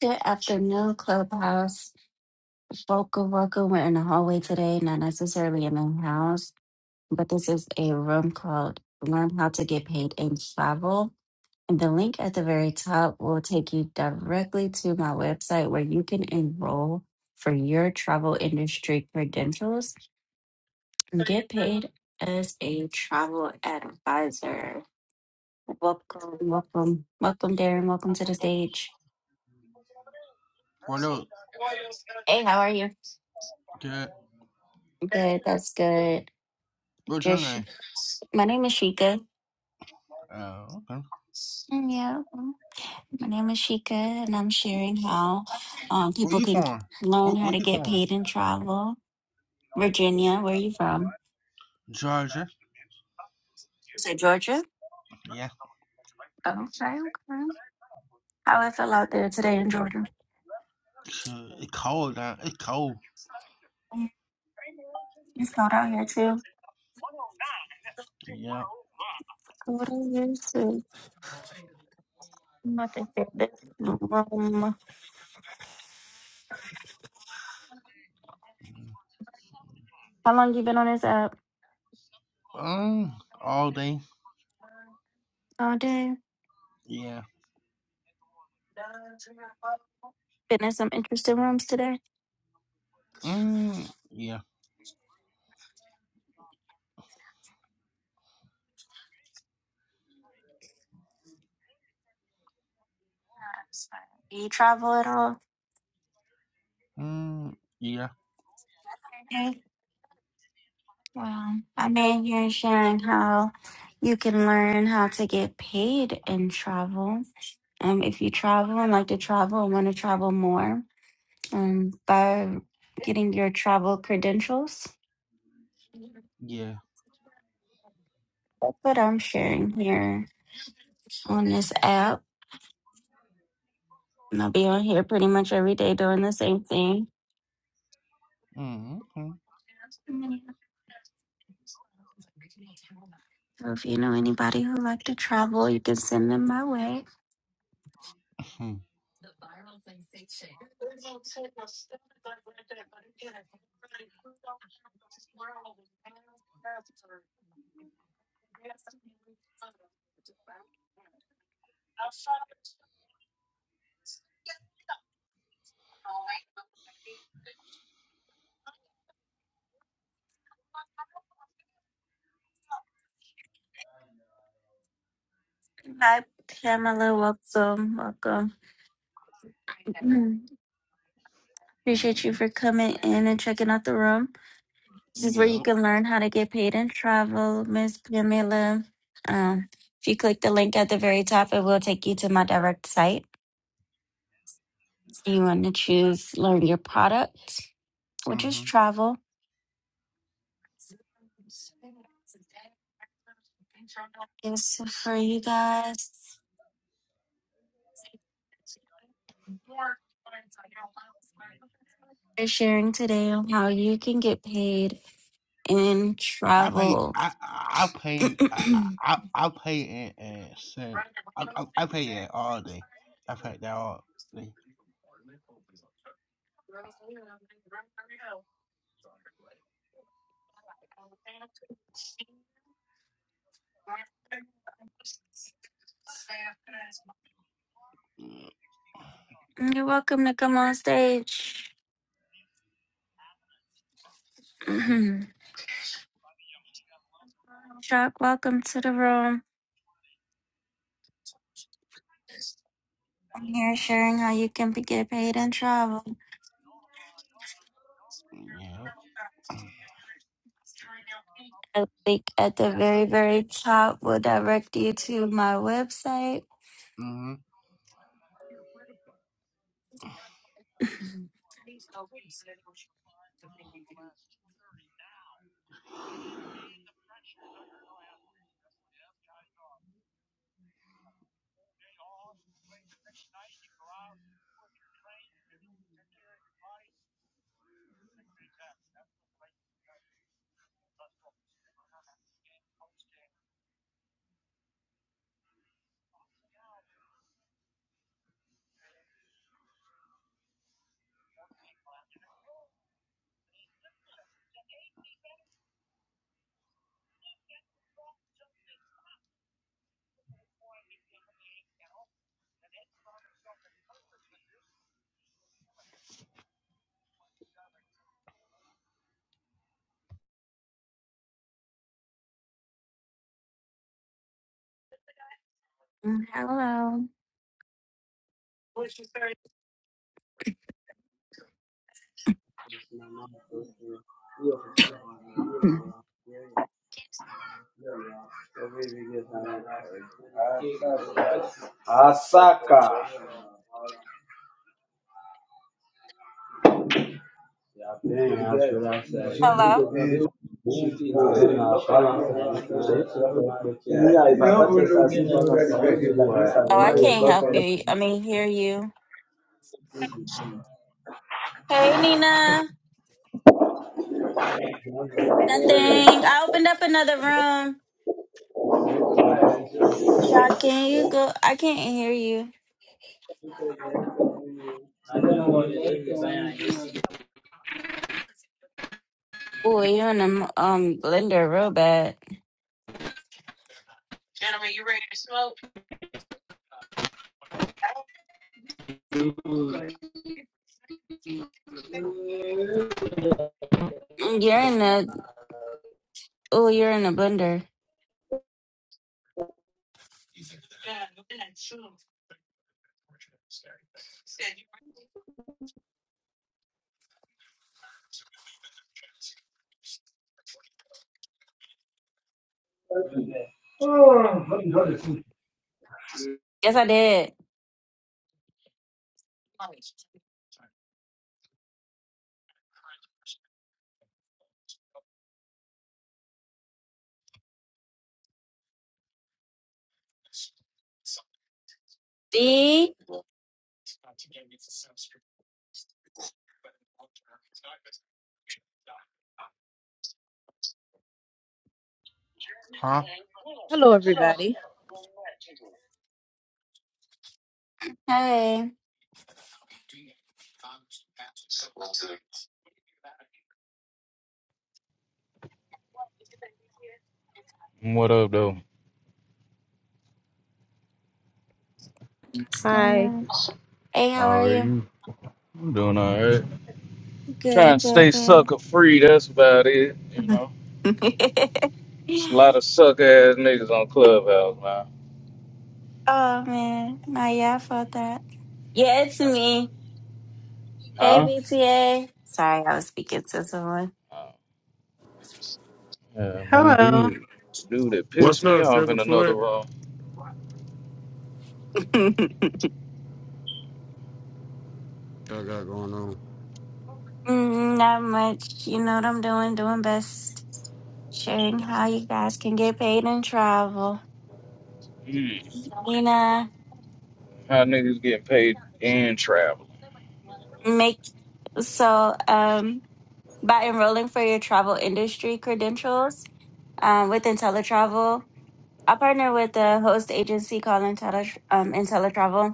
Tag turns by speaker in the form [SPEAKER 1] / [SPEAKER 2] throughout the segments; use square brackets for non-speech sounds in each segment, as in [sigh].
[SPEAKER 1] Good afternoon, Clubhouse. Welcome, welcome. We're in the hallway today, not necessarily in the house, but this is a room called Learn How to Get Paid and Travel. And the link at the very top will take you directly to my website where you can enroll for your travel industry credentials and get paid as a travel advisor. Welcome, welcome, welcome, Darren. Welcome to the stage.
[SPEAKER 2] Well, no,
[SPEAKER 1] Hey, how are you?
[SPEAKER 2] that,
[SPEAKER 1] Good, that's good.
[SPEAKER 2] what's your
[SPEAKER 1] Just
[SPEAKER 2] name?
[SPEAKER 1] my name is Shika.
[SPEAKER 2] Oh, uh, okay.
[SPEAKER 1] And yeah, well, my name is Shika, and I'm sharing how um,
[SPEAKER 2] Where
[SPEAKER 1] people
[SPEAKER 2] you
[SPEAKER 1] can
[SPEAKER 2] from? Where,
[SPEAKER 1] learn how
[SPEAKER 2] where
[SPEAKER 1] to
[SPEAKER 2] you
[SPEAKER 1] get
[SPEAKER 2] from?
[SPEAKER 1] paid and travel. Virginia, where are you from?
[SPEAKER 2] Georgia.
[SPEAKER 1] Is it Georgia?
[SPEAKER 2] Yeah.
[SPEAKER 1] Oh, sorry, okay. How it feel out there today in Georgia?
[SPEAKER 2] Shit, It's cold out. It's cold.
[SPEAKER 1] It's cold out here too.
[SPEAKER 2] Yeah.
[SPEAKER 1] Cold out here too. I'm about to fit this room. How long you been on this app?
[SPEAKER 2] Um, all day.
[SPEAKER 1] All day.
[SPEAKER 2] Yeah.
[SPEAKER 1] Been in some interesting rooms today.
[SPEAKER 2] Mm, yeah.
[SPEAKER 1] Do you travel at
[SPEAKER 2] Mm, yeah.
[SPEAKER 1] all? Wow. I mean, you're sharing how you can learn how to get paid in travel. Um, if you travel and like to travel and want to travel more, um, by getting your travel credentials.
[SPEAKER 2] Yeah.
[SPEAKER 1] That's what I'm sharing here on this app. And I'll be on here pretty much every day doing the same thing.
[SPEAKER 2] Mm, mm,
[SPEAKER 1] So if you know anybody who like to travel, you can send them my way.
[SPEAKER 2] mm,
[SPEAKER 1] Hi, Pamela. Welcome. Welcome. Mm. Appreciate
[SPEAKER 2] mm,
[SPEAKER 1] you for coming in and checking out the room. This is where you
[SPEAKER 2] yeah.
[SPEAKER 1] can learn how to get paid in travel, Miss Pamela. Um, if you click the link at the very top, it will take you to my direct site. So You want to choose learn your product, which is
[SPEAKER 2] Mm-hmm.
[SPEAKER 1] travel. Yes, so for you guys for sharing today on how you can get paid in
[SPEAKER 2] I pay.
[SPEAKER 1] travel.
[SPEAKER 2] I I
[SPEAKER 1] [clears throat]
[SPEAKER 2] pay. I
[SPEAKER 1] You're
[SPEAKER 2] I I pay in and send. I I, I pay it all day. I pay that all day.
[SPEAKER 1] welcome to come on stage. [clears throat] Chuck, welcome to the room. I'm here sharing how you can be- get paid in travel.
[SPEAKER 2] Yeah.
[SPEAKER 1] A link at the very, very top will direct you to my website.
[SPEAKER 2] Mm-hmm.
[SPEAKER 1] Mm, Hello. Hmm.
[SPEAKER 3] Asaka. Yeah,
[SPEAKER 1] Hello.
[SPEAKER 3] Yeah, like
[SPEAKER 1] Oh, I can't help you. I mean, hear you. Hey, Nina. Nothing. I opened up another room. Shot, can you go? I can't hear you. Oh, you're in a um blender real bad. You're in a oh, you're in a blender. Yes, I did. See?
[SPEAKER 2] Huh?
[SPEAKER 4] Hello, everybody.
[SPEAKER 1] Hey,
[SPEAKER 5] What up, though?
[SPEAKER 1] what's going
[SPEAKER 4] Hi.
[SPEAKER 1] on? Hey, how
[SPEAKER 5] How
[SPEAKER 1] are
[SPEAKER 5] are
[SPEAKER 1] you?
[SPEAKER 5] you? I'm doing all right. Trying
[SPEAKER 1] Good,
[SPEAKER 5] to
[SPEAKER 1] good,
[SPEAKER 5] stay
[SPEAKER 1] good.
[SPEAKER 5] sucker free. That's about it. You
[SPEAKER 1] [laughs] oh
[SPEAKER 5] know, it's a lot of sucker ass niggas on Clubhouse, man.
[SPEAKER 1] man, nah, yeah, I felt that. Yeah, it's me. Hey,
[SPEAKER 5] Huh?
[SPEAKER 1] BTA. Sorry, I was speaking to someone.
[SPEAKER 5] Oh, Yeah, man,
[SPEAKER 6] Hello.
[SPEAKER 5] dude, dude, it pissed
[SPEAKER 7] What's
[SPEAKER 5] me
[SPEAKER 7] up,
[SPEAKER 5] off in another
[SPEAKER 7] Sugarfoot? What
[SPEAKER 5] room.
[SPEAKER 1] [laughs]
[SPEAKER 7] I got going
[SPEAKER 1] Mm, Not much. You know what I'm doing? Doing best. Sharing how you guys can get paid and travel.
[SPEAKER 5] Mm,
[SPEAKER 1] You know,
[SPEAKER 5] how niggas getting paid and traveling?
[SPEAKER 1] make so um by enrolling for your travel industry credentials um with IntelliTravel. I partner with a host agency called Intelli um, IntelliTravel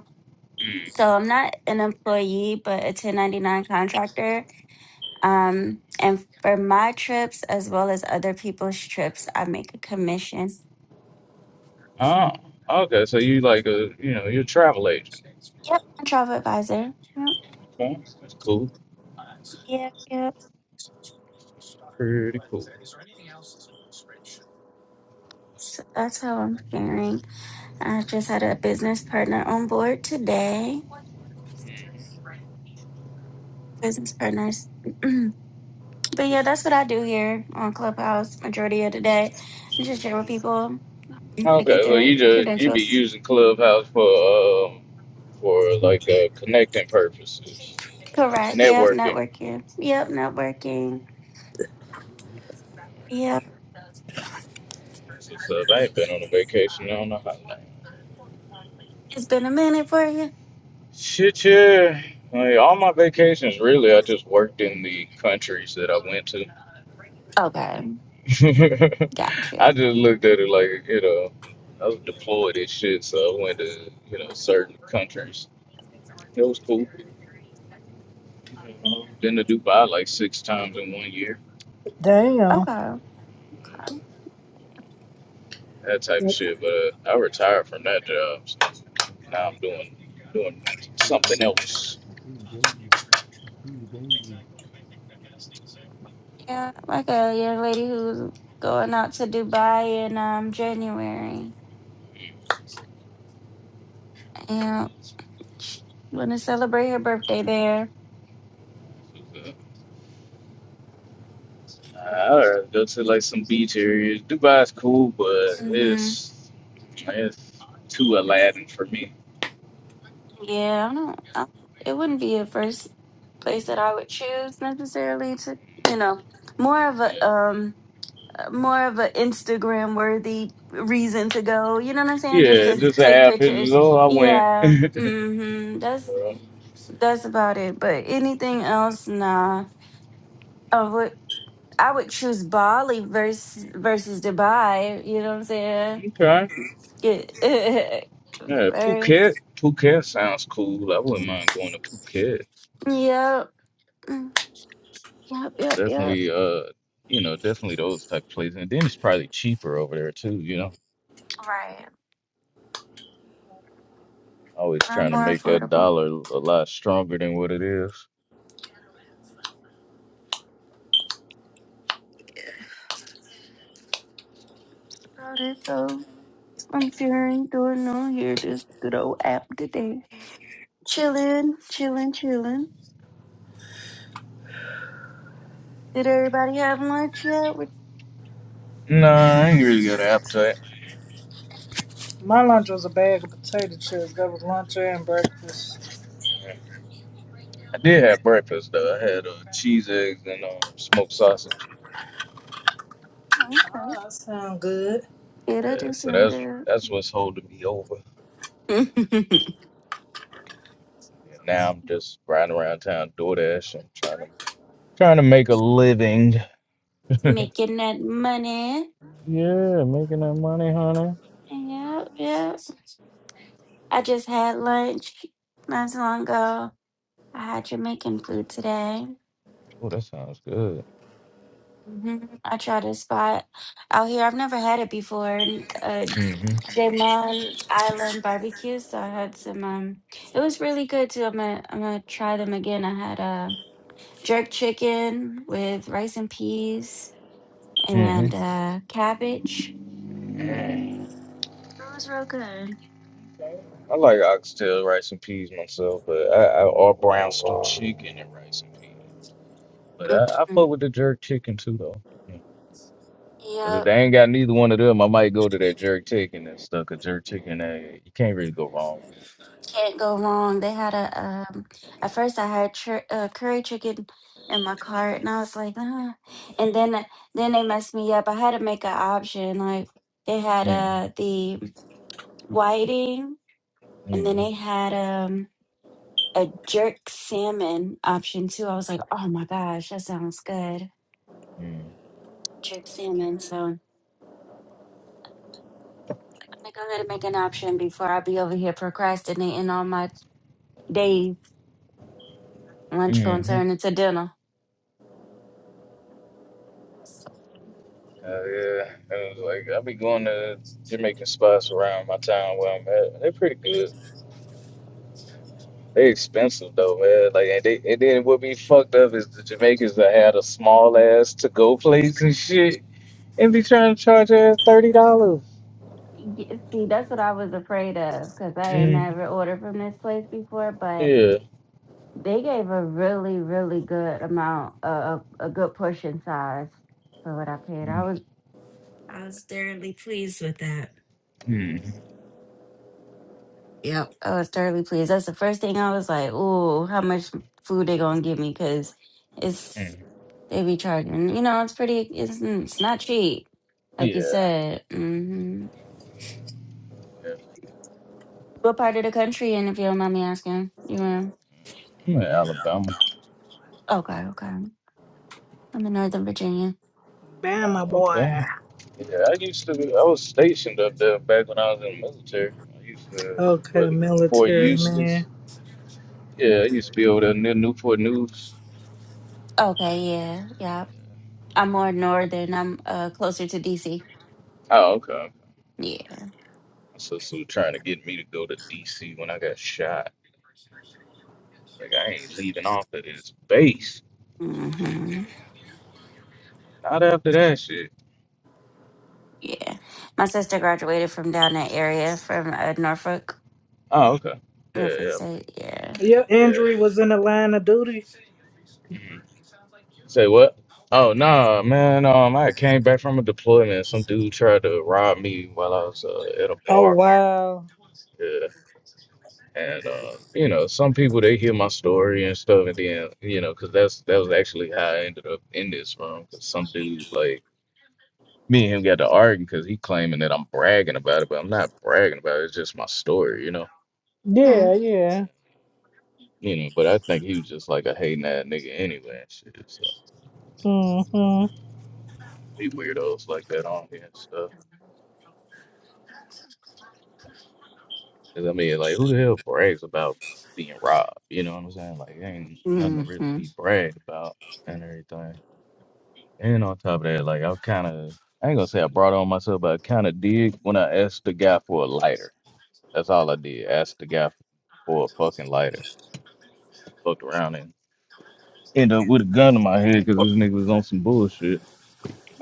[SPEAKER 1] So I'm not an employee, but a 1099 contractor. Um, and for my trips, as well as other people's trips, I make a commission.
[SPEAKER 5] Oh, okay. So you like a, you know, you're a travel agent.
[SPEAKER 1] Yep, I'm a travel advisor. Yep,
[SPEAKER 5] Okay, that's cool.
[SPEAKER 1] yep, yep.
[SPEAKER 5] Pretty cool.
[SPEAKER 1] So that's how I'm faring. I just had a business partner on board today.
[SPEAKER 5] Mhm.
[SPEAKER 1] Business partners. [clears throat] but yeah, that's what I do here on Clubhouse majority of the day. I just share with people to get
[SPEAKER 5] Okay, so
[SPEAKER 1] their
[SPEAKER 5] you just you be
[SPEAKER 1] credentials.
[SPEAKER 5] using Clubhouse for um, for like uh, connecting purposes,
[SPEAKER 1] Correct. Yep.
[SPEAKER 5] networking.
[SPEAKER 1] Networking. Yep. Networking. Yep.
[SPEAKER 5] That's what's up. I ain't been on a vacation. I don't know how long.
[SPEAKER 1] It's been a minute for you.
[SPEAKER 5] Shit, yeah. Like, all my vacations, really, I just worked in the countries that I went to.
[SPEAKER 1] Okay.
[SPEAKER 5] [laughs] I
[SPEAKER 1] Gotcha.
[SPEAKER 5] just looked at it like, you know, I was deployed and shit, so I went to, you know, certain countries. It was cool. You know, been to Dubai like six times in one year,
[SPEAKER 1] Okay.
[SPEAKER 6] Damn.
[SPEAKER 1] Okay.
[SPEAKER 5] that type of shit. But uh, I retired from that job. So Now I'm doing doing something else.
[SPEAKER 7] on?
[SPEAKER 1] Yeah. Like a young lady who's going out to Dubai in um January. Yeah. Want to celebrate her birthday there.
[SPEAKER 5] I'd rather go to like some beach areas. Dubai's cool, but
[SPEAKER 1] Mm. Hmm.
[SPEAKER 5] it's it's too Aladdin for me.
[SPEAKER 1] Yeah, I don't. I, it wouldn't be a first place that I would choose necessarily to, you know, more of
[SPEAKER 5] Yeah,
[SPEAKER 1] a um, uh, more of an Instagram worthy reason to go. You know what I'm saying? Just
[SPEAKER 5] yeah.
[SPEAKER 1] to
[SPEAKER 5] Just to
[SPEAKER 1] take
[SPEAKER 5] have pictures.
[SPEAKER 1] pictures.
[SPEAKER 5] Oh, I went.
[SPEAKER 1] Yeah.
[SPEAKER 5] [laughs]
[SPEAKER 1] Mm-hmm. That's that's about it. But anything else, nah. I would I would choose Bali versus versus Dubai. You know what I'm saying?
[SPEAKER 5] Uh, okay.
[SPEAKER 1] Get [laughs]
[SPEAKER 5] Yeah, Phuket.
[SPEAKER 1] first.
[SPEAKER 5] Phuket sounds cool. I wouldn't mind going to Phuket.
[SPEAKER 1] Yep. Yep. Yep. Yep.
[SPEAKER 5] Definitely. Uh, you know, definitely those type places. And then it's probably cheaper over there too. You know.
[SPEAKER 1] Right.
[SPEAKER 5] Always
[SPEAKER 1] Not
[SPEAKER 5] trying to
[SPEAKER 1] more
[SPEAKER 5] make that
[SPEAKER 1] affordable.
[SPEAKER 5] dollar a lot stronger than what it is.
[SPEAKER 1] About it though. I'm fearing doing on here this good old app today. Chillin', chillin', chillin'. Did everybody have lunch yet? We-
[SPEAKER 5] Nah, I ain't really got an appetite.
[SPEAKER 6] My lunch was a bag of potato chips. That was lunch and breakfast.
[SPEAKER 5] I did have breakfast though. I had uh, cheese eggs and um, smoked sausage.
[SPEAKER 1] oh, Okay.
[SPEAKER 6] Oh, that sound good.
[SPEAKER 1] Yeah, that
[SPEAKER 5] Yeah,
[SPEAKER 1] do
[SPEAKER 5] so
[SPEAKER 1] sound
[SPEAKER 5] that's
[SPEAKER 1] good.
[SPEAKER 5] that's what's holding me over.
[SPEAKER 1] [laughs]
[SPEAKER 5] And now I'm just riding around town DoorDash. I'm trying to trying to make a living.
[SPEAKER 1] Making that money.
[SPEAKER 5] Yeah, making that money, honey.
[SPEAKER 1] Yep, yep. I just had lunch not so long ago. I had Jamaican food today.
[SPEAKER 5] Oh, that sounds good.
[SPEAKER 1] I tried a spot out here. I've never had it before.
[SPEAKER 5] hmm
[SPEAKER 1] Jamon's Island barbecue. So I had some. Um, it was really good too. I'm gonna I'm gonna try them again. I had uh, jerk chicken with rice and peas
[SPEAKER 5] hmm
[SPEAKER 1] and uh, cabbage. It was real good.
[SPEAKER 5] I like oxtail rice and peas myself, but I, I or brown stew chicken and rice and peas. But I, I fuck
[SPEAKER 1] Mhm.
[SPEAKER 5] with the jerk chicken too, though. Because if
[SPEAKER 1] Yep,
[SPEAKER 5] they ain't got neither one of them, I might go to that jerk chicken and stuck a jerk chicken. Uh, you can't really go wrong.
[SPEAKER 1] can't go wrong. They had a. Um, at first, I had chur- uh, curry chicken in my cart, and I was like, ah. and then then they messed me up. I had to make an option. Like they had
[SPEAKER 5] Mm-hmm.
[SPEAKER 1] uh the whiting And then they had um a jerk salmon option too. I was like, oh my gosh, that sounds good. Jerk salmon. So I'm gonna go ahead and make an option before I be over here procrastinating all my days. Lunch gonna
[SPEAKER 5] Mm-hmm.
[SPEAKER 1] turn into dinner. So,
[SPEAKER 5] Uh, yeah, it was like I be going to Jamaican spots around my town where I'm at. They're pretty good. They expensive though, man. Like and they and then what be fucked up is the Jamaicans that had a small ass to go place and shit and be trying to charge us thirty dollars.
[SPEAKER 1] yeah, see, that's what I was afraid of because I ain't
[SPEAKER 5] Mm.
[SPEAKER 1] never ordered from this place before, but
[SPEAKER 5] Yeah.
[SPEAKER 1] they gave a really, really good amount of a good portion size for what I paid. I was I was thoroughly pleased with that.
[SPEAKER 5] Mm-hmm.
[SPEAKER 1] I was thoroughly pleased. That's the first thing I was like, "Ooh, how much food they gonna give me?" Because it's
[SPEAKER 5] Mm,
[SPEAKER 1] they be charging. You know, it's pretty. It's mm, it's not cheap, like you
[SPEAKER 5] Yeah,
[SPEAKER 1] said. hmm
[SPEAKER 5] yeah.
[SPEAKER 1] What part of the country? And if you don't mind me asking, you in?
[SPEAKER 5] I'm in Alabama.
[SPEAKER 1] Okay, okay. I'm in Northern Virginia.
[SPEAKER 6] Bam,
[SPEAKER 5] Oh,
[SPEAKER 6] my boy.
[SPEAKER 5] okay. Yeah, I used to. be, I was stationed up there back when I was in the military. I used to
[SPEAKER 6] Okay,
[SPEAKER 5] what Fort
[SPEAKER 6] military man.
[SPEAKER 5] Eustis. Yeah, I used to be over there near Newport News.
[SPEAKER 1] Okay, yeah, yeah.
[SPEAKER 5] Yeah.
[SPEAKER 1] I'm more northern. I'm uh closer to DC.
[SPEAKER 5] Oh, okay.
[SPEAKER 1] Yeah.
[SPEAKER 5] My sister was trying to get me to go to D.C. when I got shot. Like I ain't leaving off of this base.
[SPEAKER 1] hmm
[SPEAKER 5] Not after that shit.
[SPEAKER 1] Yeah. My sister graduated from down that area from uh, Norfolk,
[SPEAKER 5] Oh, okay.
[SPEAKER 1] Norfolk
[SPEAKER 5] Yeah,
[SPEAKER 1] State. Yeah.
[SPEAKER 6] Your
[SPEAKER 5] yeah,
[SPEAKER 6] injury was in the line of duty?
[SPEAKER 5] yeah. Say what? Oh no, man. Um, I came back from a deployment. Some dude tried to rob me while I was uh, at a
[SPEAKER 6] Oh,
[SPEAKER 5] bar.
[SPEAKER 6] wow.
[SPEAKER 5] Yeah, and um, you know, some people they hear my story and stuff, and then you know, cause that's that was actually how I ended up in this room. Cause some dude like me and him got to arguing because he claiming that I'm bragging about it, but I'm not bragging about it. It's just my story, you know.
[SPEAKER 6] Yeah, yeah.
[SPEAKER 5] You know, but I think he was just like a hating that nigga anyway and shit. So
[SPEAKER 6] Mm-hmm.
[SPEAKER 5] you know, be weirdos like that on here and stuff. 'Cause, I mean, like, who the hell brags about being robbed? You know what I'm saying? Like, ain't nothing to really
[SPEAKER 1] Hmm.
[SPEAKER 5] be bragged about and everything. And on top of that, like, I kind of, I ain't gonna say I brought on myself, but I kind of did when I asked the guy for a lighter. That's all I did. Asked the guy for a fucking lighter. Fucked around and end up with a gun in my head because this nigga was on some bullshit.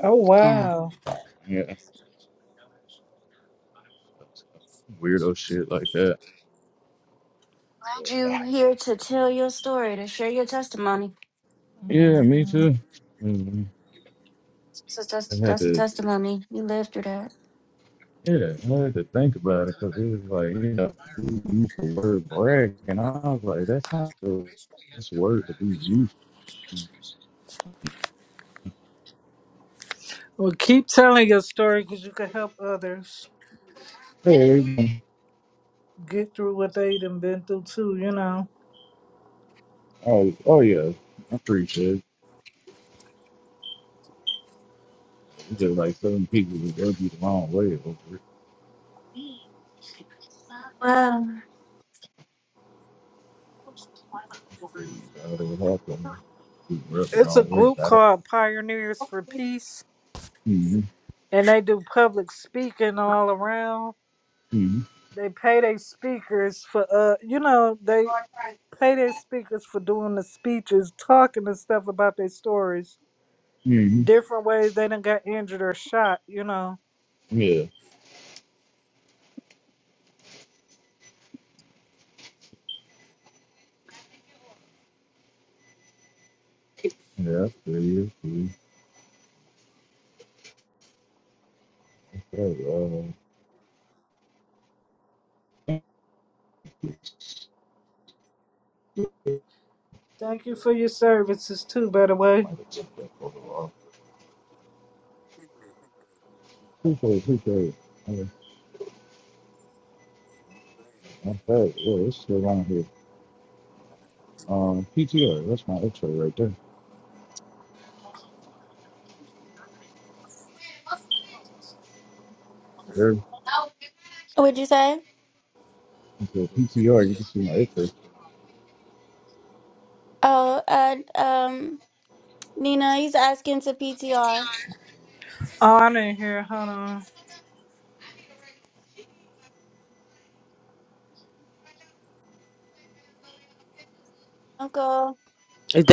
[SPEAKER 6] Oh,
[SPEAKER 1] Yeah.
[SPEAKER 6] wow.
[SPEAKER 5] Yeah. Weirdo shit like that.
[SPEAKER 1] Glad you here to tell your story, to share your testimony.
[SPEAKER 5] Yeah, me
[SPEAKER 6] hmm
[SPEAKER 5] too. Mhm.
[SPEAKER 1] So
[SPEAKER 5] I
[SPEAKER 1] that's,
[SPEAKER 5] had
[SPEAKER 1] that's a
[SPEAKER 5] to.
[SPEAKER 1] testimony. You lived through that.
[SPEAKER 5] Yeah, I had to think about it because it was like, you know, we used the word brag, and I was like, that's not the best word to be used to.
[SPEAKER 6] Well, keep telling your story because you can help others
[SPEAKER 5] Hey,
[SPEAKER 6] get through what they done been through, too, you know.
[SPEAKER 5] oh, oh, yeah, I'm pretty sure. It's just like some people would rub you the wrong way over it. I don't know how come you rubbed the
[SPEAKER 6] It's a
[SPEAKER 5] wrong way
[SPEAKER 6] group
[SPEAKER 5] about it.
[SPEAKER 6] called Pioneers for Peace
[SPEAKER 5] Mm-hmm,
[SPEAKER 6] and they do public speaking all around. They pay their speakers for uh, you know, they pay their speakers for doing the speeches, talking and stuff about their stories,
[SPEAKER 5] mm-hmm, mm-hmm.
[SPEAKER 6] different ways they done got injured or shot. You know.
[SPEAKER 5] Yeah, yeah, that's true, that's true. Okay, uh,
[SPEAKER 6] Thank you for your services too, by the way.
[SPEAKER 5] might have took that photo off. Appreciate it, appreciate it. Okay, I'm sorry, yeah, it's still on here. Um, PTR, that's my X-ray right there. There, if
[SPEAKER 1] What'd you say?
[SPEAKER 5] you go PTR, you can see my X-ray
[SPEAKER 1] Oh, uh, um, Nina, he's asking to PTR.
[SPEAKER 6] Oh, I didn't hear. Hold on.
[SPEAKER 1] Uncle.
[SPEAKER 4] Is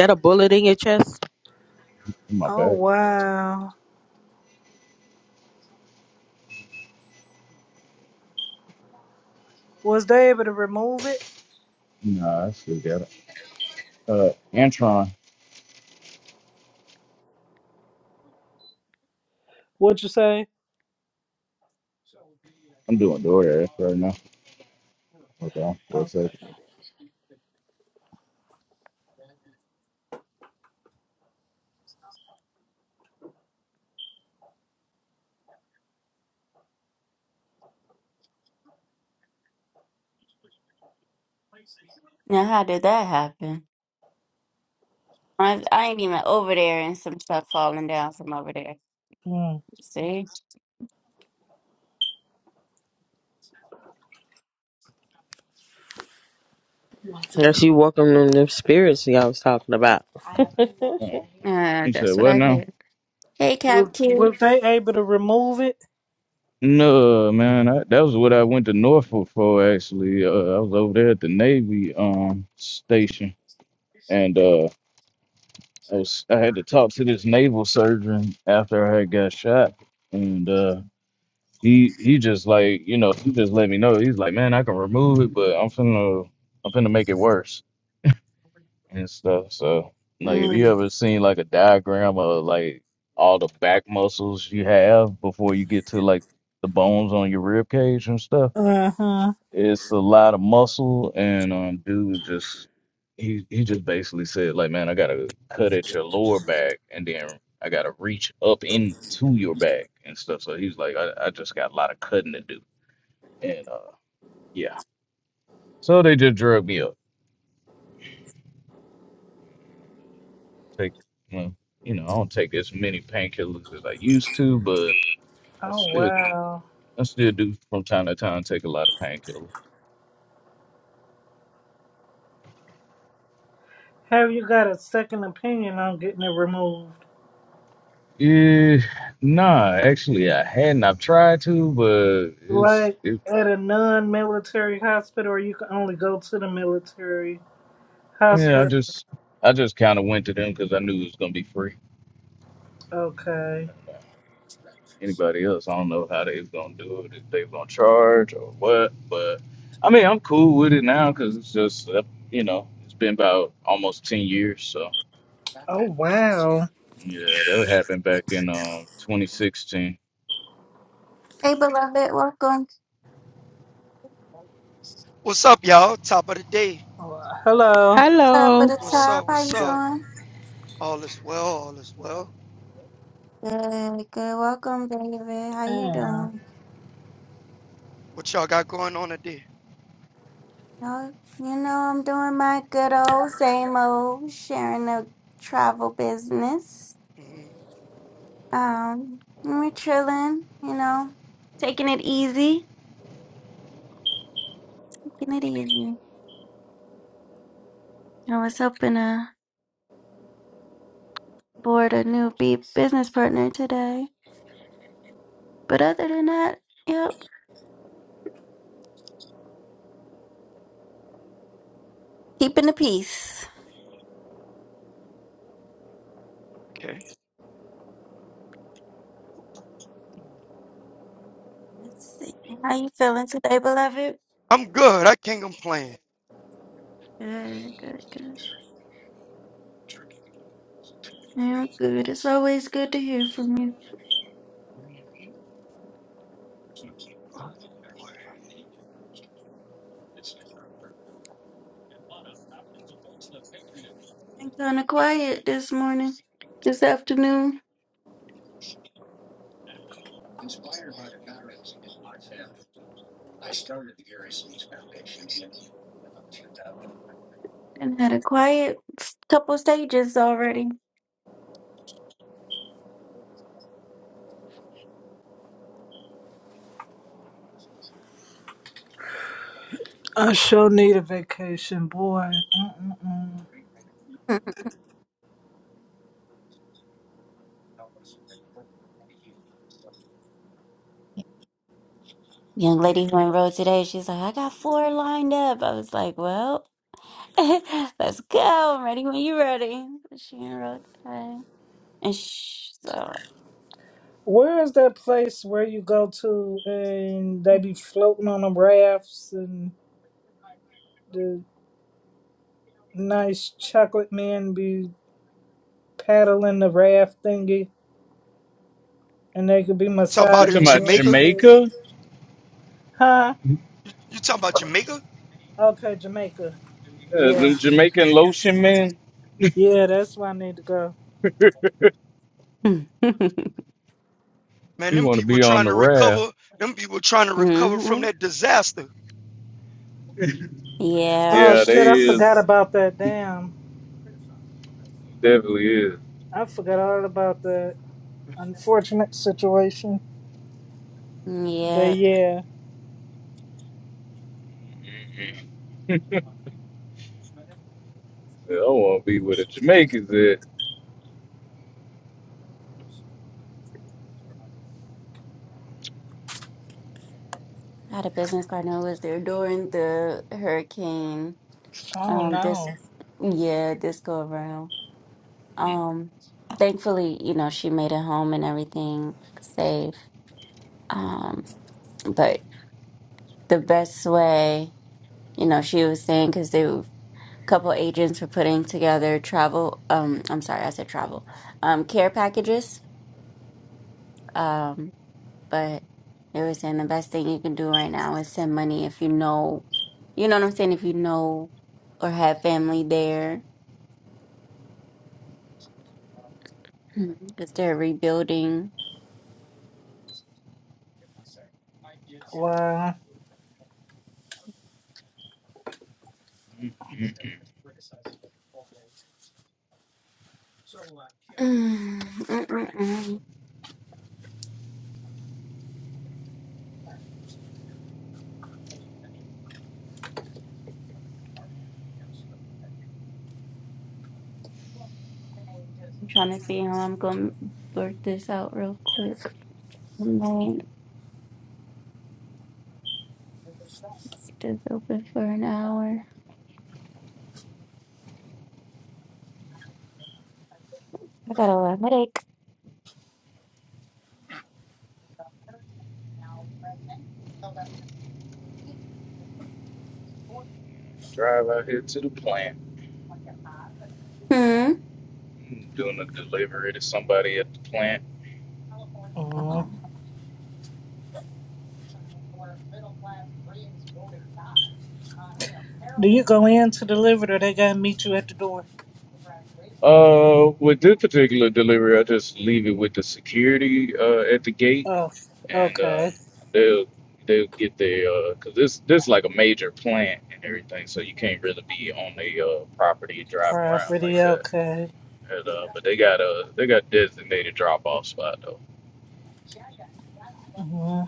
[SPEAKER 4] that
[SPEAKER 5] in my
[SPEAKER 6] Oh
[SPEAKER 5] back.
[SPEAKER 6] wow, was they able to remove it?
[SPEAKER 5] Nah, I still got it. Uh, Antron,
[SPEAKER 6] What'd you say?
[SPEAKER 5] I'm doing DoorDash right now. Hold on for a second.
[SPEAKER 6] Okay.
[SPEAKER 1] Now, how did that happen? I, I ain't even over there and some stuff falling down from over there.
[SPEAKER 6] Hmm.
[SPEAKER 1] See?
[SPEAKER 4] that you welcome them The spirits y'all was talking about? [laughs]
[SPEAKER 5] Uh,
[SPEAKER 1] Uh,
[SPEAKER 5] you said
[SPEAKER 1] that's what
[SPEAKER 5] what
[SPEAKER 1] I
[SPEAKER 5] now?
[SPEAKER 1] get. Hey,
[SPEAKER 6] Was
[SPEAKER 1] Cap Q.
[SPEAKER 6] was they able to remove it?
[SPEAKER 5] No, man, I, that was what I went to Norfolk for actually. Uh, I was over there at the Navy um station, and uh, I was I had to talk to this naval surgeon after I had got shot, and uh. he he just like you know he just let me know he's like man I can remove it but I'm finna I'm finna make it worse and stuff so like if you
[SPEAKER 1] Mm.
[SPEAKER 5] ever seen like a diagram of like all the back muscles you have before you get to like the bones on your rib cage and stuff
[SPEAKER 6] Uh huh.
[SPEAKER 5] it's a lot of muscle and um dude just he he just basically said like man I gotta cut at your lower back and then I gotta reach up into your back and stuff so he's like I, I just got a lot of cutting to do and uh, yeah, so they just drug me up. Take, well, you know, I don't take as many painkillers as I used to, but I
[SPEAKER 6] Oh
[SPEAKER 5] still,
[SPEAKER 6] wow.
[SPEAKER 5] I still do from time to time take a lot of painkillers.
[SPEAKER 6] Have you got a second opinion on getting it removed?
[SPEAKER 5] Yeah, nah, actually, I hadn't. I've tried to, but it's,
[SPEAKER 6] Like
[SPEAKER 5] it,
[SPEAKER 6] at a non military hospital, or you can only go to the military
[SPEAKER 5] yeah, I
[SPEAKER 6] hospital?
[SPEAKER 5] just, I just kind of went to them because I knew it was gonna be free.
[SPEAKER 6] Okay.
[SPEAKER 5] anybody else. I don't know how they was gonna do it, if they was gonna charge or what. But I mean, I'm cool with it now because it's just uh, you know it's been about almost ten years. So
[SPEAKER 6] Oh, wow.
[SPEAKER 5] yeah, that happened back in um 2016.
[SPEAKER 1] Hey, beloved. Welcome.
[SPEAKER 8] What's up, y'all? Top of the day.
[SPEAKER 6] Well, hello.
[SPEAKER 1] Top of
[SPEAKER 4] Hello.
[SPEAKER 1] the
[SPEAKER 8] What's
[SPEAKER 1] top.
[SPEAKER 8] up?
[SPEAKER 1] How
[SPEAKER 8] What's
[SPEAKER 1] you
[SPEAKER 8] up?
[SPEAKER 1] doing?
[SPEAKER 8] All is well. All is well.
[SPEAKER 1] Good, good. Welcome, David. How you
[SPEAKER 6] Damn.
[SPEAKER 1] doing?
[SPEAKER 8] What y'all got going on today?
[SPEAKER 1] No, you know, I'm doing my good old same old, sharing the travel business.
[SPEAKER 8] hmm
[SPEAKER 1] Um, we're chilling, you know, taking it easy, taking it easy. I was hoping to board a new be- business partner today, but other than that, yep, keeping the peace.
[SPEAKER 8] Okay.
[SPEAKER 1] Let's see, how you feeling today, beloved?
[SPEAKER 8] I'm good. I can't complain.
[SPEAKER 1] Good, good, good. I'm good. It's always good to hear from you.
[SPEAKER 8] Mhm.
[SPEAKER 1] I'm kind of quiet this morning, this afternoon. And had a quiet s- couple stages already.
[SPEAKER 6] I sure need a vacation, boy. Mm-mm-mm.
[SPEAKER 1] [laughs] Young lady who enrolled today, she's like, I got four lined up. I was like, Well, [laughs] let's go. I'm ready when you're ready. She enrolled today. And sh so.
[SPEAKER 6] Where is that place where you go to and they be floating on the rafts and the nice chocolate man be paddling the raft thingy? And they could be
[SPEAKER 8] Talking
[SPEAKER 5] You
[SPEAKER 8] about in
[SPEAKER 5] talking
[SPEAKER 6] massaging
[SPEAKER 5] about
[SPEAKER 6] you and
[SPEAKER 8] Jamaica.
[SPEAKER 6] shit.
[SPEAKER 5] Jamaica?
[SPEAKER 6] Huh?
[SPEAKER 8] You talking about Jamaica?
[SPEAKER 6] Okay, Jamaica.
[SPEAKER 5] Yeah,
[SPEAKER 6] Yeah.
[SPEAKER 5] them Jamaican lotion men.
[SPEAKER 6] Yeah, that's where I need to go.
[SPEAKER 1] [laughs]
[SPEAKER 8] Man,
[SPEAKER 5] You
[SPEAKER 8] them
[SPEAKER 5] want to
[SPEAKER 8] people
[SPEAKER 5] be on
[SPEAKER 8] trying
[SPEAKER 5] the
[SPEAKER 8] to
[SPEAKER 5] raft.
[SPEAKER 8] recover. Them people trying to recover
[SPEAKER 1] hmm
[SPEAKER 8] from that disaster.
[SPEAKER 1] Yep.
[SPEAKER 6] Oh
[SPEAKER 5] Yeah, they
[SPEAKER 6] shit, I
[SPEAKER 5] is
[SPEAKER 6] forgot about that. Damn.
[SPEAKER 5] definitely is.
[SPEAKER 6] I forgot all about that unfortunate situation. But
[SPEAKER 1] Yep.
[SPEAKER 6] yeah.
[SPEAKER 5] Mhm. Yeah, I want to be where the Jamaicans at.
[SPEAKER 1] Had a business partner who was there during the hurricane.
[SPEAKER 6] Oh
[SPEAKER 1] Um,
[SPEAKER 6] no.
[SPEAKER 1] this, yeah, this go around. Um, thankfully, you know, she made it home and everything safe. Um, but the best way, you know, she was saying because they were, a couple agents were putting together travel. Um, I'm sorry, I said travel. Um, care packages. Um, but they were saying the best thing you can do right now is send money if you know, you know what I'm saying. If you know or have family there, because they're rebuilding.
[SPEAKER 6] Wow.
[SPEAKER 5] Mhm.
[SPEAKER 1] [sighs] Mm, mm, mm, mm. I'm trying to see how I'm gonna work this out real quick. It is open for an hour. I got a headache.
[SPEAKER 5] Drive out here to the plant.
[SPEAKER 1] Hmm.
[SPEAKER 5] doing a delivery to somebody at the plant.
[SPEAKER 6] Mm.
[SPEAKER 1] Um,
[SPEAKER 6] Do you go in to deliver it or they gotta meet you at the door?
[SPEAKER 5] Uh, with this particular delivery, I just leave it with the security uh, at the gate,
[SPEAKER 6] Oh,
[SPEAKER 5] and uh,
[SPEAKER 6] okay.
[SPEAKER 5] they'll they'll get their uh 'cause this this like a major plant and everything, so you can't really be on the uh, property driving around
[SPEAKER 6] Property,
[SPEAKER 5] like that.
[SPEAKER 6] okay.
[SPEAKER 5] And, uh, but they got a they got designated drop off spot though.
[SPEAKER 6] hmm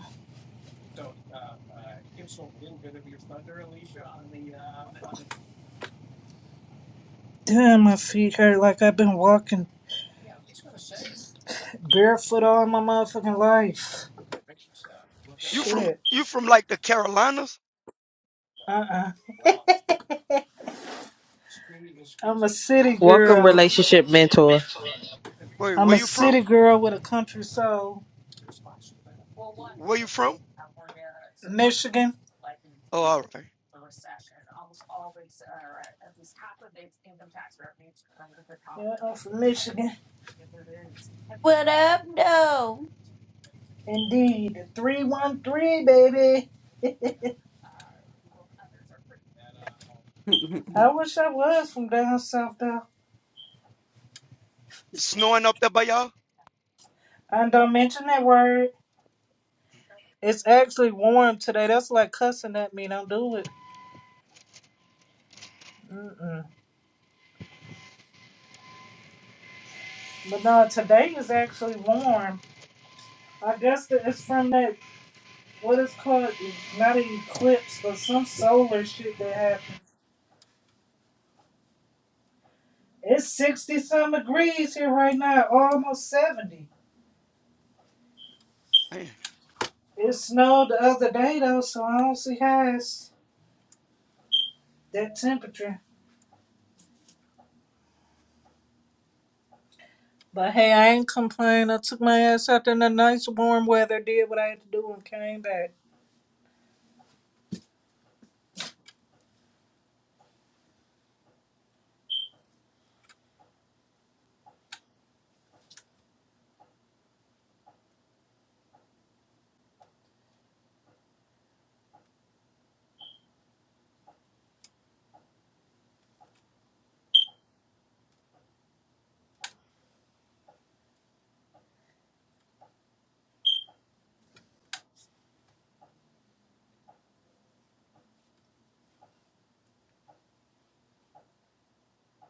[SPEAKER 6] Damn, my feet hurt like I've been walking barefoot all my motherfucking life.
[SPEAKER 8] You from
[SPEAKER 6] Shit.
[SPEAKER 8] you from like the Carolinas?
[SPEAKER 6] Uh-uh. I'm a city
[SPEAKER 4] welcome
[SPEAKER 6] girl.
[SPEAKER 4] relationship mentor.
[SPEAKER 8] Wait,
[SPEAKER 6] I'm
[SPEAKER 8] where
[SPEAKER 6] a
[SPEAKER 8] you from?
[SPEAKER 6] city girl with a country soul.
[SPEAKER 8] Where you from?
[SPEAKER 6] Michigan.
[SPEAKER 8] Oh, all right.
[SPEAKER 6] Yeah, I'm from Michigan.
[SPEAKER 1] What up,
[SPEAKER 6] Indeed. 313, baby. [laughs]
[SPEAKER 1] though? [laughs]
[SPEAKER 6] I wish I was from down south, though.
[SPEAKER 8] It's snowing up there by y'all?
[SPEAKER 6] And don't mention that word. It's actually warm today. That's like cussing at me. Don't do it. Mm-mm. But no, today is actually warm. I guess that it's from that, what is called, not an eclipse, but some solar shit that happened. It's 60 some degrees here right now, almost 70.
[SPEAKER 8] man.
[SPEAKER 6] It snowed the other day though, so I don't see how it's that temperature. But hey, I ain't complaining. I took my ass out there in the nice warm weather, did what I had to do, and came back.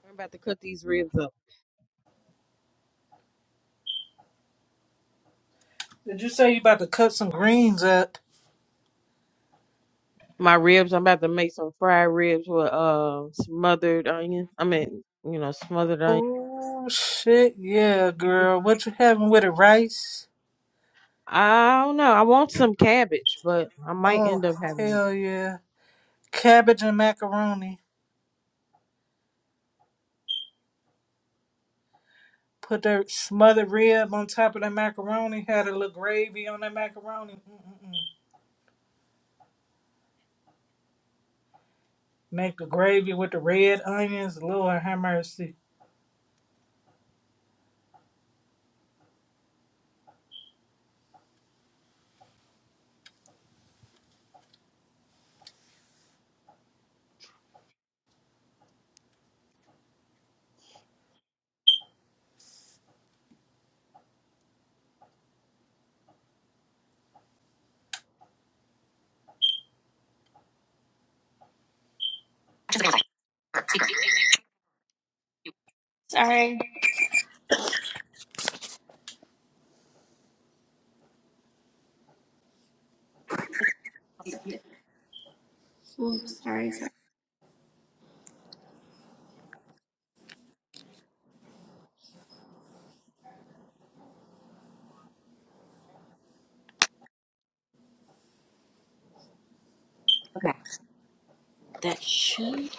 [SPEAKER 9] I'm about to cut these ribs up.
[SPEAKER 6] Did you say you about to cut some greens up?
[SPEAKER 9] My ribs, I'm about to make some fried ribs with uh smothered onion. I mean, you know, smothered onion.
[SPEAKER 6] Oh shit, yeah, girl. What you having with it? Rice?
[SPEAKER 9] I don't know. I want some cabbage, but I might
[SPEAKER 6] Oh
[SPEAKER 9] end up having it.
[SPEAKER 6] hell yeah, cabbage and macaroni. Put that smothered rib on top of that macaroni. Had a little gravy on that macaroni. Mm-mm-mm. Make the gravy with the red onions. Lord have mercy.
[SPEAKER 10] Sorry. Ooh, sorry, sorry. Okay. That should.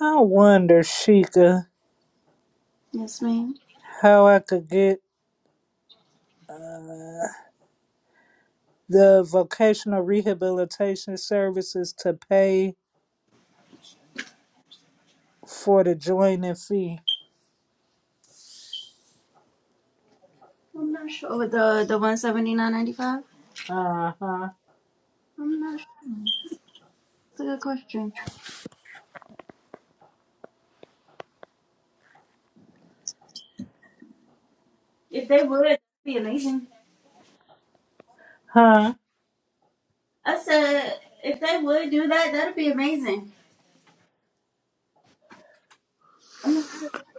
[SPEAKER 6] I wonder, Sheikah,
[SPEAKER 10] Yes, ma'am.
[SPEAKER 6] how I could get the vocational rehabilitation services to pay for the joining fee.
[SPEAKER 10] I'm not sure. Oh, the the one seventy nine ninety five.
[SPEAKER 6] Uh huh.
[SPEAKER 10] I'm not sure. It's a good question. If they would, that'd be amazing.
[SPEAKER 6] Huh?
[SPEAKER 10] I said if they would do that, that'd be amazing. I'm not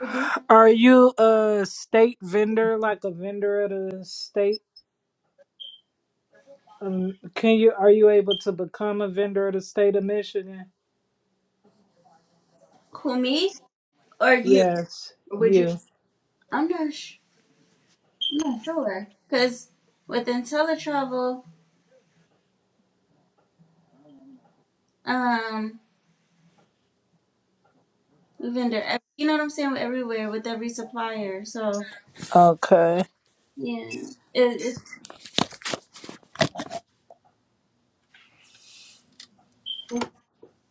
[SPEAKER 10] sure. Do
[SPEAKER 6] Are you a state vendor, like a vendor of the state? Um, can you? Are you able to become a vendor of the state of Michigan?
[SPEAKER 10] who me or you?
[SPEAKER 6] Yeah.
[SPEAKER 10] Or would you?
[SPEAKER 6] Yeah.
[SPEAKER 10] I'm not. Sh- I'm not sure. Cause with IntelliTravel, um, vendor, ev- you know what I'm saying. Everywhere with every supplier, so
[SPEAKER 6] Okay.
[SPEAKER 10] yeah, it, it's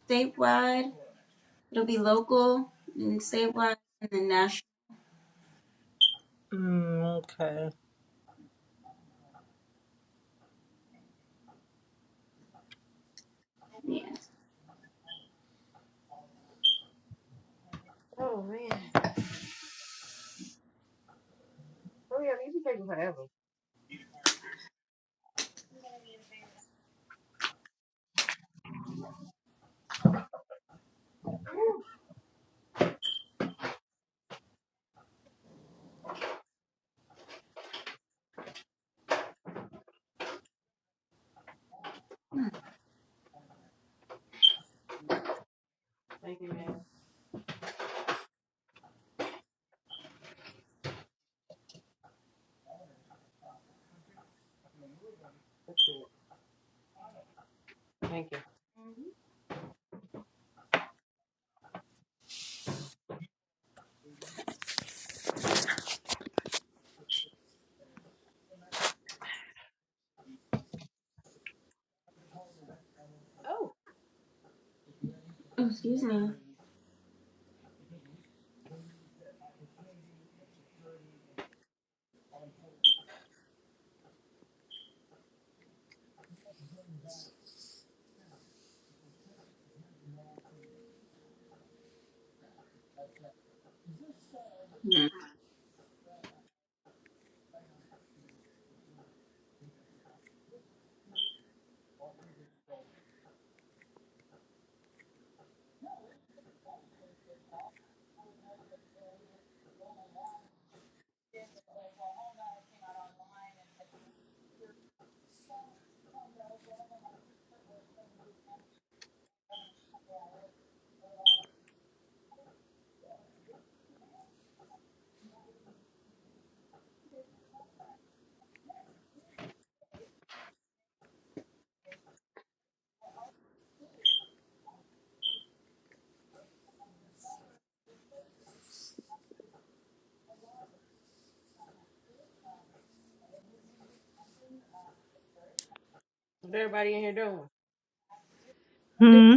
[SPEAKER 10] statewide. It'll be local and statewide and then national.
[SPEAKER 6] Mm, okay.
[SPEAKER 10] Yeah.
[SPEAKER 9] Oh man. Hurry up, you be taking forever. Thank you, man. That's good. Thank you. hmm Oh.
[SPEAKER 10] Oh, excuse me. Hmm.
[SPEAKER 9] What everybody in here doing?
[SPEAKER 6] Hmm.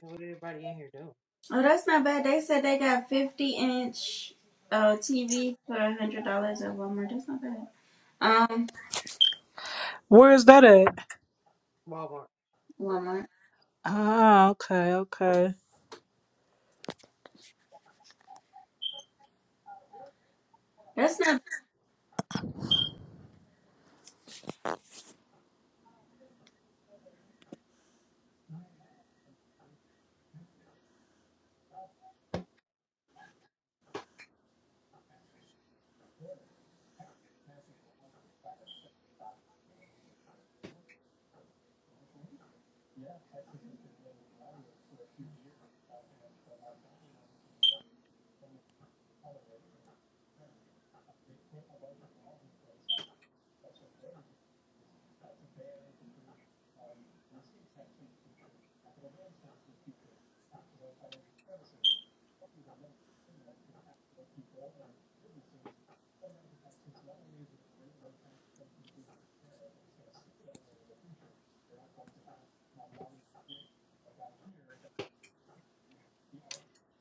[SPEAKER 9] What everybody in here doing?
[SPEAKER 10] Oh, that's not bad. They said they got 50 inch uh, TV for $100 at Walmart. That's not bad. Um,
[SPEAKER 6] Where is that at?
[SPEAKER 9] Walmart.
[SPEAKER 10] Walmart.
[SPEAKER 6] Ah, okay, okay.
[SPEAKER 10] That's not,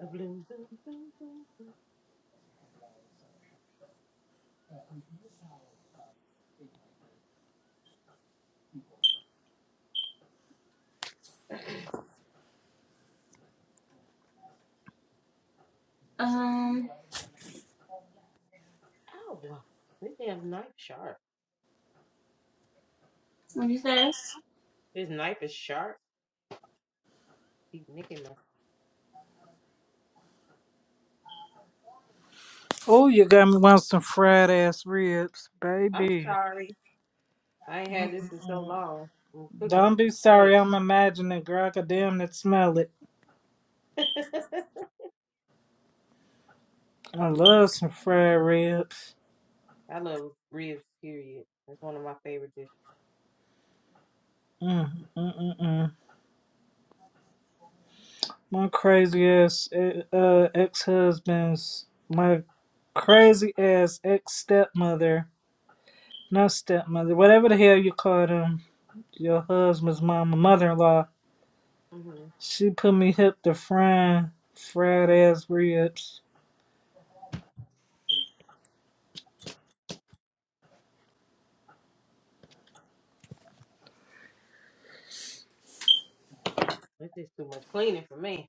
[SPEAKER 9] A Bloom, bloom, bloom, bloom, bloom.
[SPEAKER 10] um,
[SPEAKER 9] Ow. wow. This damn knife sharp.
[SPEAKER 10] what do you say?
[SPEAKER 9] This knife is sharp. Keep nicking my
[SPEAKER 6] Oh, you got me wanting some fried ass ribs,
[SPEAKER 9] I'm
[SPEAKER 6] baby.
[SPEAKER 9] sorry. I ain't had this in so long. I'm cooking it
[SPEAKER 6] Don't be sorry,
[SPEAKER 9] today.
[SPEAKER 6] I'm imagining, girl. I could damn it smell it.
[SPEAKER 9] [laughs]
[SPEAKER 6] I love some fried ribs.
[SPEAKER 9] I love ribs, period. That's one of my favorite dishes.
[SPEAKER 6] Mm, mm, mm, mm. My crazy ass eh, uh, ex husband's, my crazy ass ex stepmother, not stepmother, whatever the hell you call them, your husband's mama, mother in law.
[SPEAKER 9] hmm
[SPEAKER 6] She put me hip to frying fried ass ribs.
[SPEAKER 9] This is too much cleaning for me.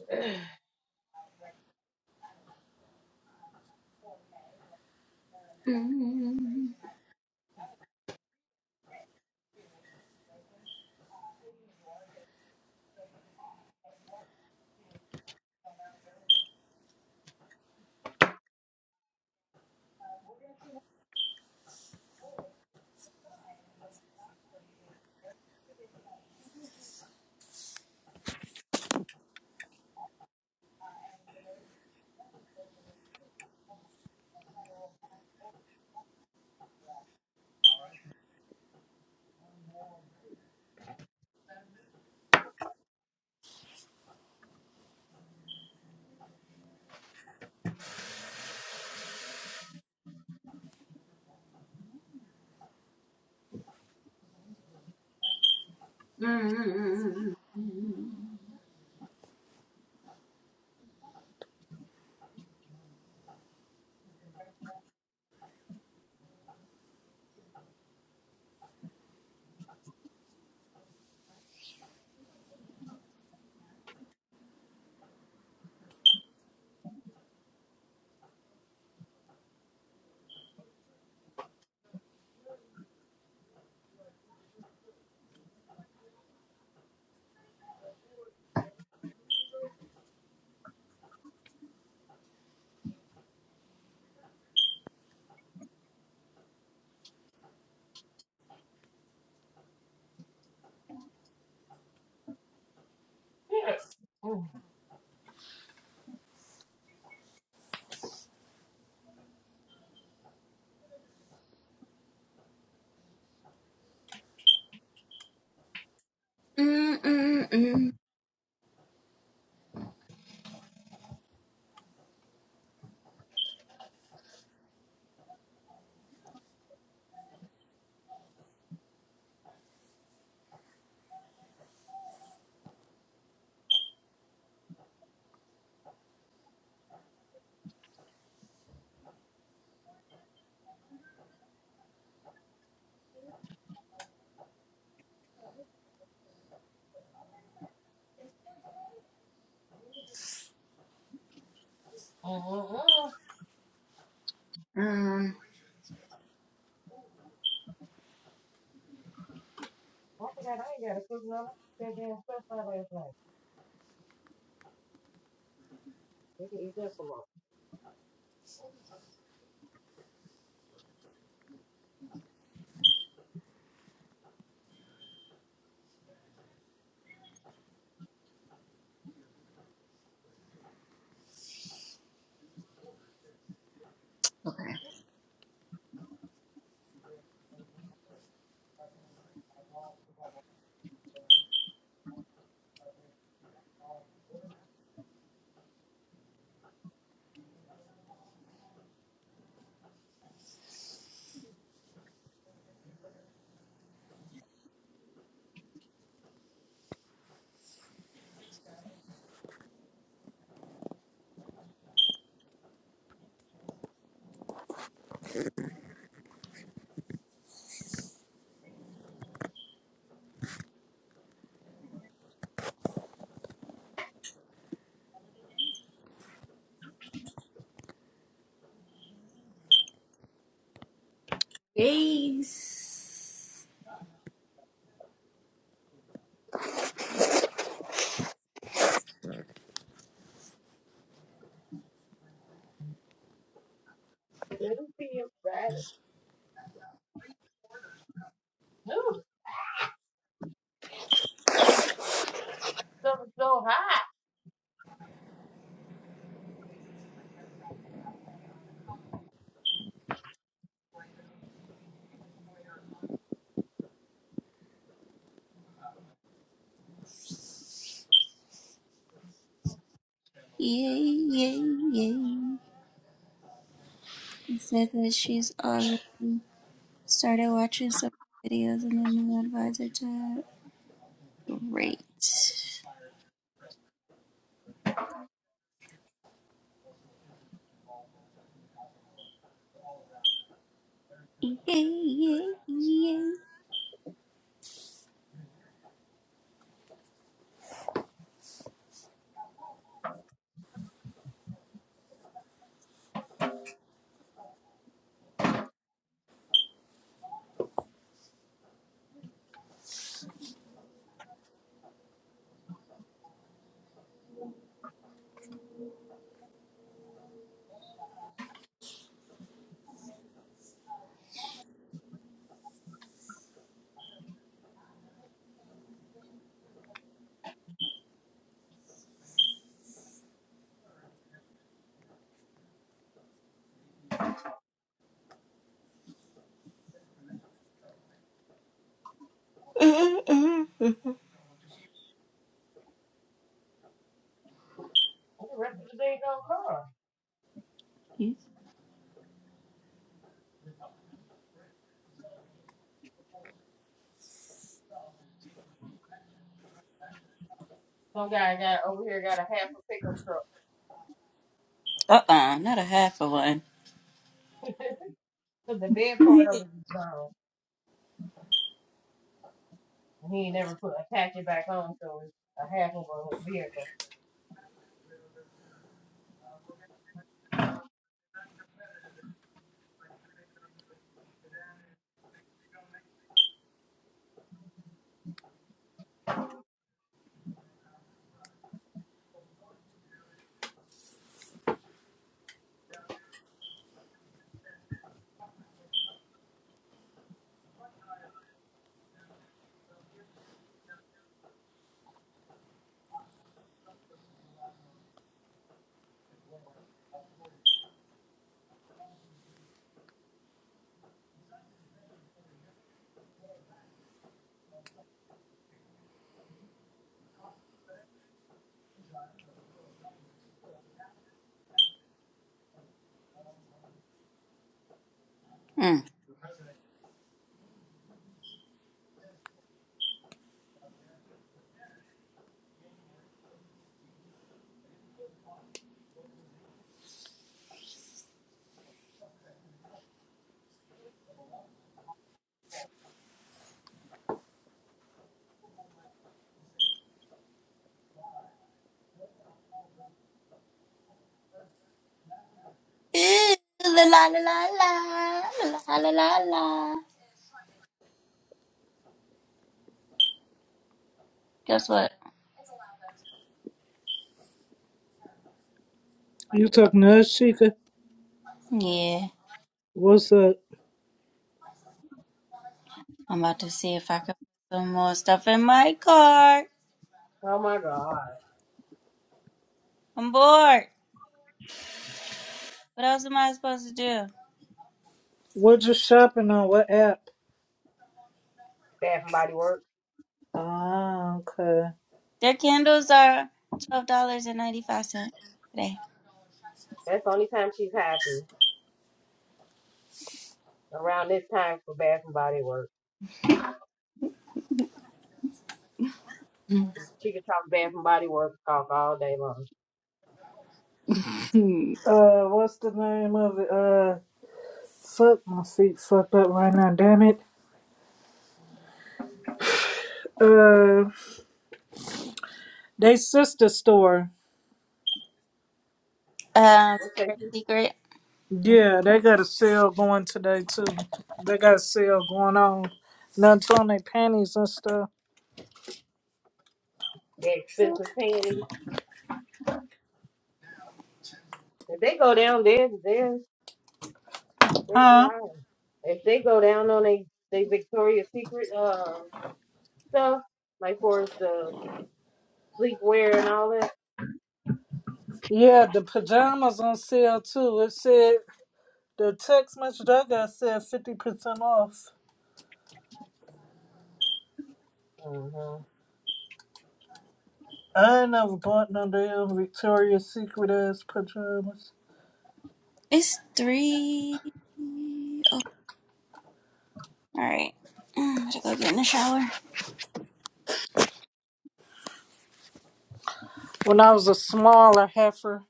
[SPEAKER 9] [clears throat]
[SPEAKER 10] Mmm. Mmm.
[SPEAKER 9] Mm-mm-mm.
[SPEAKER 10] Mmm.
[SPEAKER 9] Why
[SPEAKER 10] Um,
[SPEAKER 9] did I I ain't got to cook no goddamn stuff for last night? Look at these up
[SPEAKER 10] okay. Yes.
[SPEAKER 9] Let them see him ride it. Dude, something's so hot.
[SPEAKER 10] Yeah, yeah, yeah. and said that she's already started watching some videos and a new advisor to her. Great. [laughs]
[SPEAKER 9] the rest of the day don't come? Some guy got over here got a half a pickup truck.
[SPEAKER 10] Uh-uh, not a half of one.
[SPEAKER 9] So the bed part of it is gone. And he ain't never put attach it back on so it's a half of a vehicle.
[SPEAKER 10] Hmm. Ooh, La la la la la la la la la. Guess what?
[SPEAKER 6] You talking to us, Chica?
[SPEAKER 10] Yeah,
[SPEAKER 6] What's up?
[SPEAKER 10] I'm about to see if I can put some more stuff in my cart.
[SPEAKER 9] Oh my god.
[SPEAKER 10] I'm bored. What else am I supposed to do?
[SPEAKER 6] What you shopping on? What app?
[SPEAKER 9] Bath and body works.
[SPEAKER 6] Ah, okay.
[SPEAKER 10] Their candles are twelve dollars and ninety five cents today.
[SPEAKER 9] That's the only time she's happy. Around this time for bath and body works. She can talk bath and body works talk all day long.
[SPEAKER 10] [laughs] Hmm.
[SPEAKER 6] Uh, what's the name of it? Uh, fuck, my feet fucked up right now, damn it. Uh, they sister store.
[SPEAKER 10] Um,
[SPEAKER 9] What's that?
[SPEAKER 10] Secret.
[SPEAKER 6] Yeah, they got a sale going today, too. They got a sale going on. Nuts on their panties and stuff.
[SPEAKER 9] The expensive panties. If they go down there, there's Every
[SPEAKER 6] Huh?
[SPEAKER 9] hour. If they go down on they they Victoria's Secret uh stuff, like for the sleepwear and all that,
[SPEAKER 6] Yeah, the pajamas on sale, too. It said The text message I got said 50% off.
[SPEAKER 9] uh-huh.
[SPEAKER 6] I ain't never bought no damn Victoria's Secret ass pajamas.
[SPEAKER 10] It's three. Oh, all right. I gotta go get in the shower.
[SPEAKER 6] When I was a smaller heifer,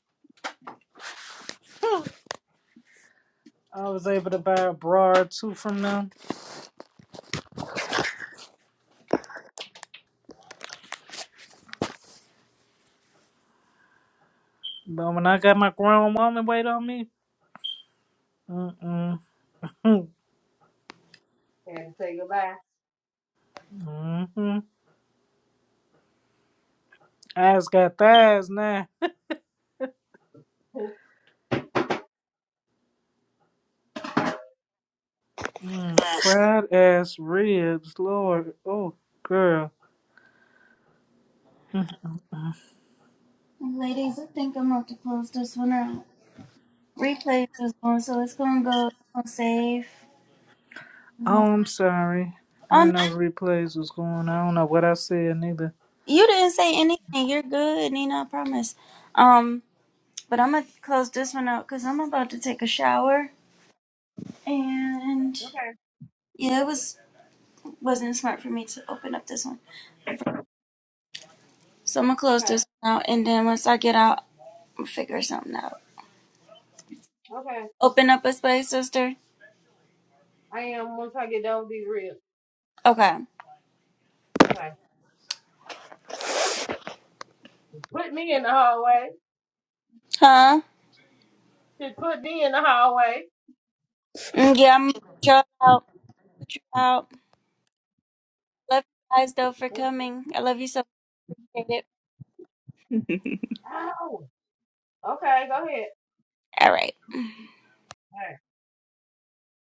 [SPEAKER 6] I was able to buy a bra or two from them. But when I got my grown woman weight on me, mm-mm,
[SPEAKER 9] they say goodbye.
[SPEAKER 6] mm-hmm. Ass got thighs now. Mm, fried ass ribs, Lord. Oh, girl.
[SPEAKER 10] Ladies, I think I'm about to close this one out. Replay this one, so it's gonna go on save. Oh,
[SPEAKER 6] Oh, I'm sorry. I
[SPEAKER 10] no,
[SPEAKER 6] didn't know replays was going on. I don't know what I said neither.
[SPEAKER 10] you didn't say anything. You're good, Nina. I promise. Um, but I'm gonna close this one out because I'm about to take a shower. And
[SPEAKER 9] Okay,
[SPEAKER 10] yeah, it was wasn't smart for me to open up this one. So I'm gonna close
[SPEAKER 9] okay,
[SPEAKER 10] this one out, and then once I get out, I'll figure something out.
[SPEAKER 9] okay.
[SPEAKER 10] Open up a space, sister.
[SPEAKER 9] I am once I get done with these reels.
[SPEAKER 10] Okay.
[SPEAKER 9] Okay. Put me in the hallway.
[SPEAKER 10] Huh?
[SPEAKER 9] Just put me in the hallway.
[SPEAKER 10] Mm, yeah, I'm sure out. out. Love you guys though for coming. I love you so much.
[SPEAKER 9] Oh, okay, go ahead.
[SPEAKER 10] All right.
[SPEAKER 9] All right.